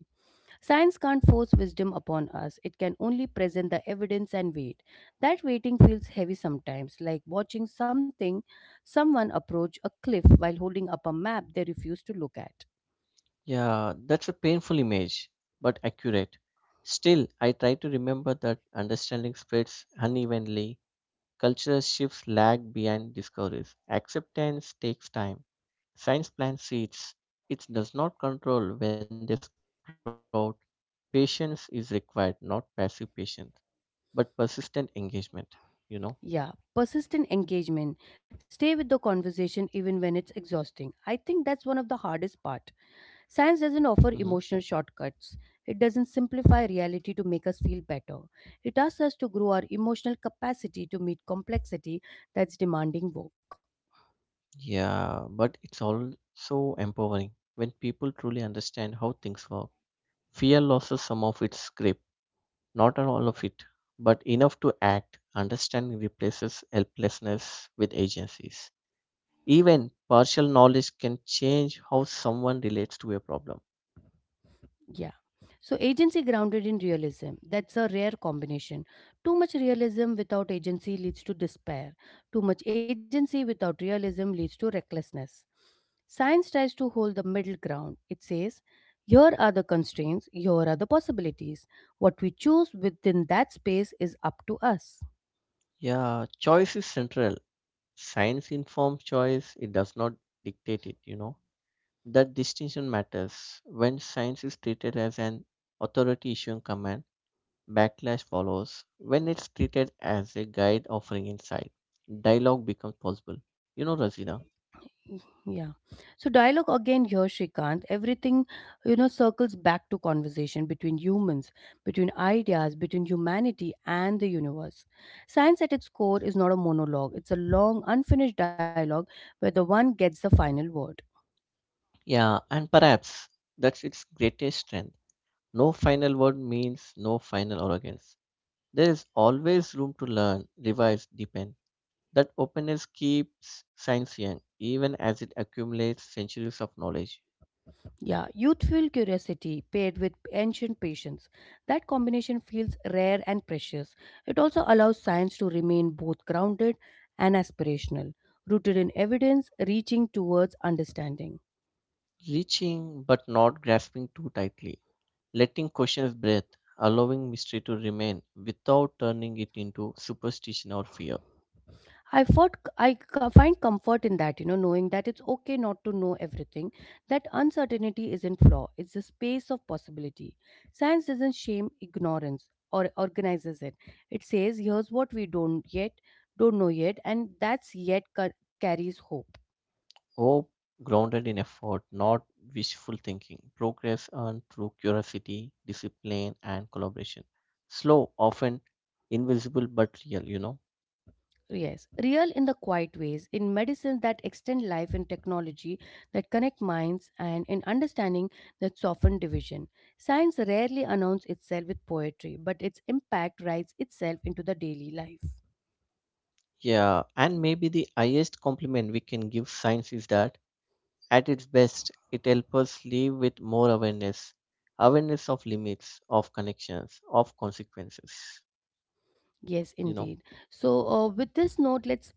Speaker 1: Science can't force wisdom upon us, it can only present the evidence and wait. That waiting feels heavy sometimes, like watching something, someone approach a cliff while holding up a map they refuse to look at.
Speaker 2: Yeah, that's a painful image, but accurate. Still, I try to remember that understanding spreads unevenly. Cultural shifts lag behind discoveries. Acceptance takes time. Science plants seeds. It does not control when they sprout. Patience is required, not passive patience, but persistent engagement, you know?
Speaker 1: Yeah, persistent engagement. Stay with the conversation even when it's exhausting. I think that's one of the hardest part. Science doesn't
Speaker 2: Hmm.
Speaker 1: offer emotional shortcuts. It doesn't simplify reality to make us feel better. It asks us to grow our emotional capacity to meet complexity, that's demanding work.
Speaker 2: Yeah, but it's also empowering when people truly understand how things work. Fear loses some of its grip. Not on all of it, but enough to act. Understanding replaces helplessness with agencies. Even partial knowledge can change how someone relates to a problem.
Speaker 1: Yeah. So agency grounded in realism. That's a rare combination. Too much realism without agency leads to despair. Too much agency without realism leads to recklessness. Science tries to hold the middle ground. It says, here are the constraints, here are the possibilities. What we choose within that space is up to us.
Speaker 2: Yeah, choice is central. Science informs choice, it does not dictate it. That distinction matters. When science is treated as an authority issuing command, backlash follows. When it's treated as a guide offering insight, dialogue becomes possible. You know, Razina.
Speaker 1: Yeah. So dialogue again here, Shrikant. Everything, circles back to conversation between humans, between ideas, between humanity and the universe. Science at its core is not a monologue, it's a long, unfinished dialogue where the one gets the final word.
Speaker 2: Yeah, and perhaps that's its greatest strength. No final word means no final arrogance. There is always room to learn, revise, deepen. That openness keeps science young, even as it accumulates centuries of knowledge.
Speaker 1: Yeah, youthful curiosity paired with ancient patience. That combination feels rare and precious. It also allows science to remain both grounded and aspirational, rooted in evidence, reaching towards understanding.
Speaker 2: Reaching but not grasping too tightly. Letting questions breathe, allowing mystery to remain without turning it into superstition or fear.
Speaker 1: I fought, I co- find comfort in that, knowing that it's okay not to know everything, that uncertainty isn't flaw, it's a space of possibility. Science doesn't shame ignorance or organizes it. It says, here's what we don't know yet, and that's carries hope.
Speaker 2: Hope grounded in effort, not wishful thinking. Progress earned through curiosity, discipline, and collaboration. Slow, often invisible but real.
Speaker 1: Yes, real in the quiet ways, in medicines that extend life, in technology that connect minds, and in understanding that soften division. Science rarely announces itself with poetry, but its impact writes itself into the daily life.
Speaker 2: Yeah, and maybe the highest compliment we can give science is that at its best, it helps us live with more awareness, awareness of limits, of connections, of consequences,
Speaker 1: Yes,
Speaker 2: you know.
Speaker 1: indeed. So, with this note, let's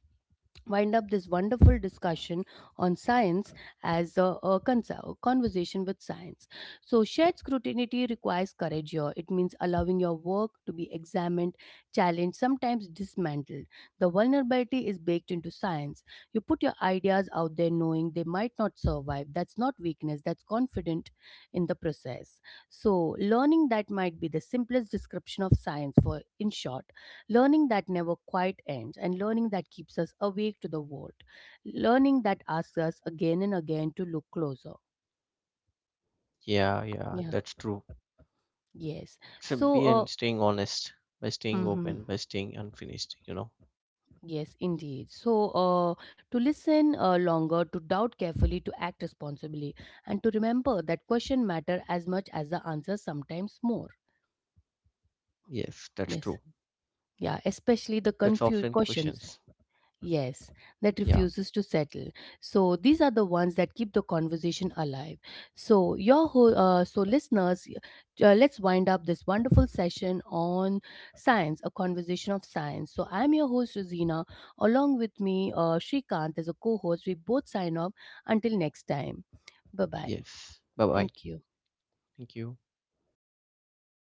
Speaker 1: wind up this wonderful discussion on science as a conversation with science. So,
Speaker 2: Yeah,
Speaker 1: shared scrutiny requires courage here. It means allowing your work to be examined, challenged, sometimes dismantled. The vulnerability is baked into science. You put your ideas out there knowing they might not survive. That's not weakness, that's confident in the process. So, learning that might be the simplest description of science, for in short. Learning that never quite ends and learning that keeps us awake to the world. Learning that asks us again and again to look closer.
Speaker 2: yeah,
Speaker 1: Yeah.
Speaker 2: that's true.
Speaker 1: Yes.
Speaker 2: It's a
Speaker 1: So,
Speaker 2: be and staying honest, by staying
Speaker 1: hmm
Speaker 2: open, by staying unfinished.
Speaker 1: yes, indeed. So, to listen longer, to doubt carefully, to act responsibly, and to remember that question matter as much as the answer, sometimes more.
Speaker 2: Yes, that's true.
Speaker 1: Yes. Yeah,
Speaker 2: That's
Speaker 1: especially the
Speaker 2: offline
Speaker 1: confused
Speaker 2: questions.
Speaker 1: questions. Yes,
Speaker 2: Yeah.
Speaker 1: that refuses to settle. So these are the ones that keep the conversation alive. So your whole, listeners, let's wind up this wonderful session on science, a conversation of science. So I'm your host Rosina. Along with me, Shrikant as a co-host. We both sign off. Until next time, bye bye.
Speaker 2: Yes. Bye bye.
Speaker 1: Thank you.
Speaker 2: Thank you.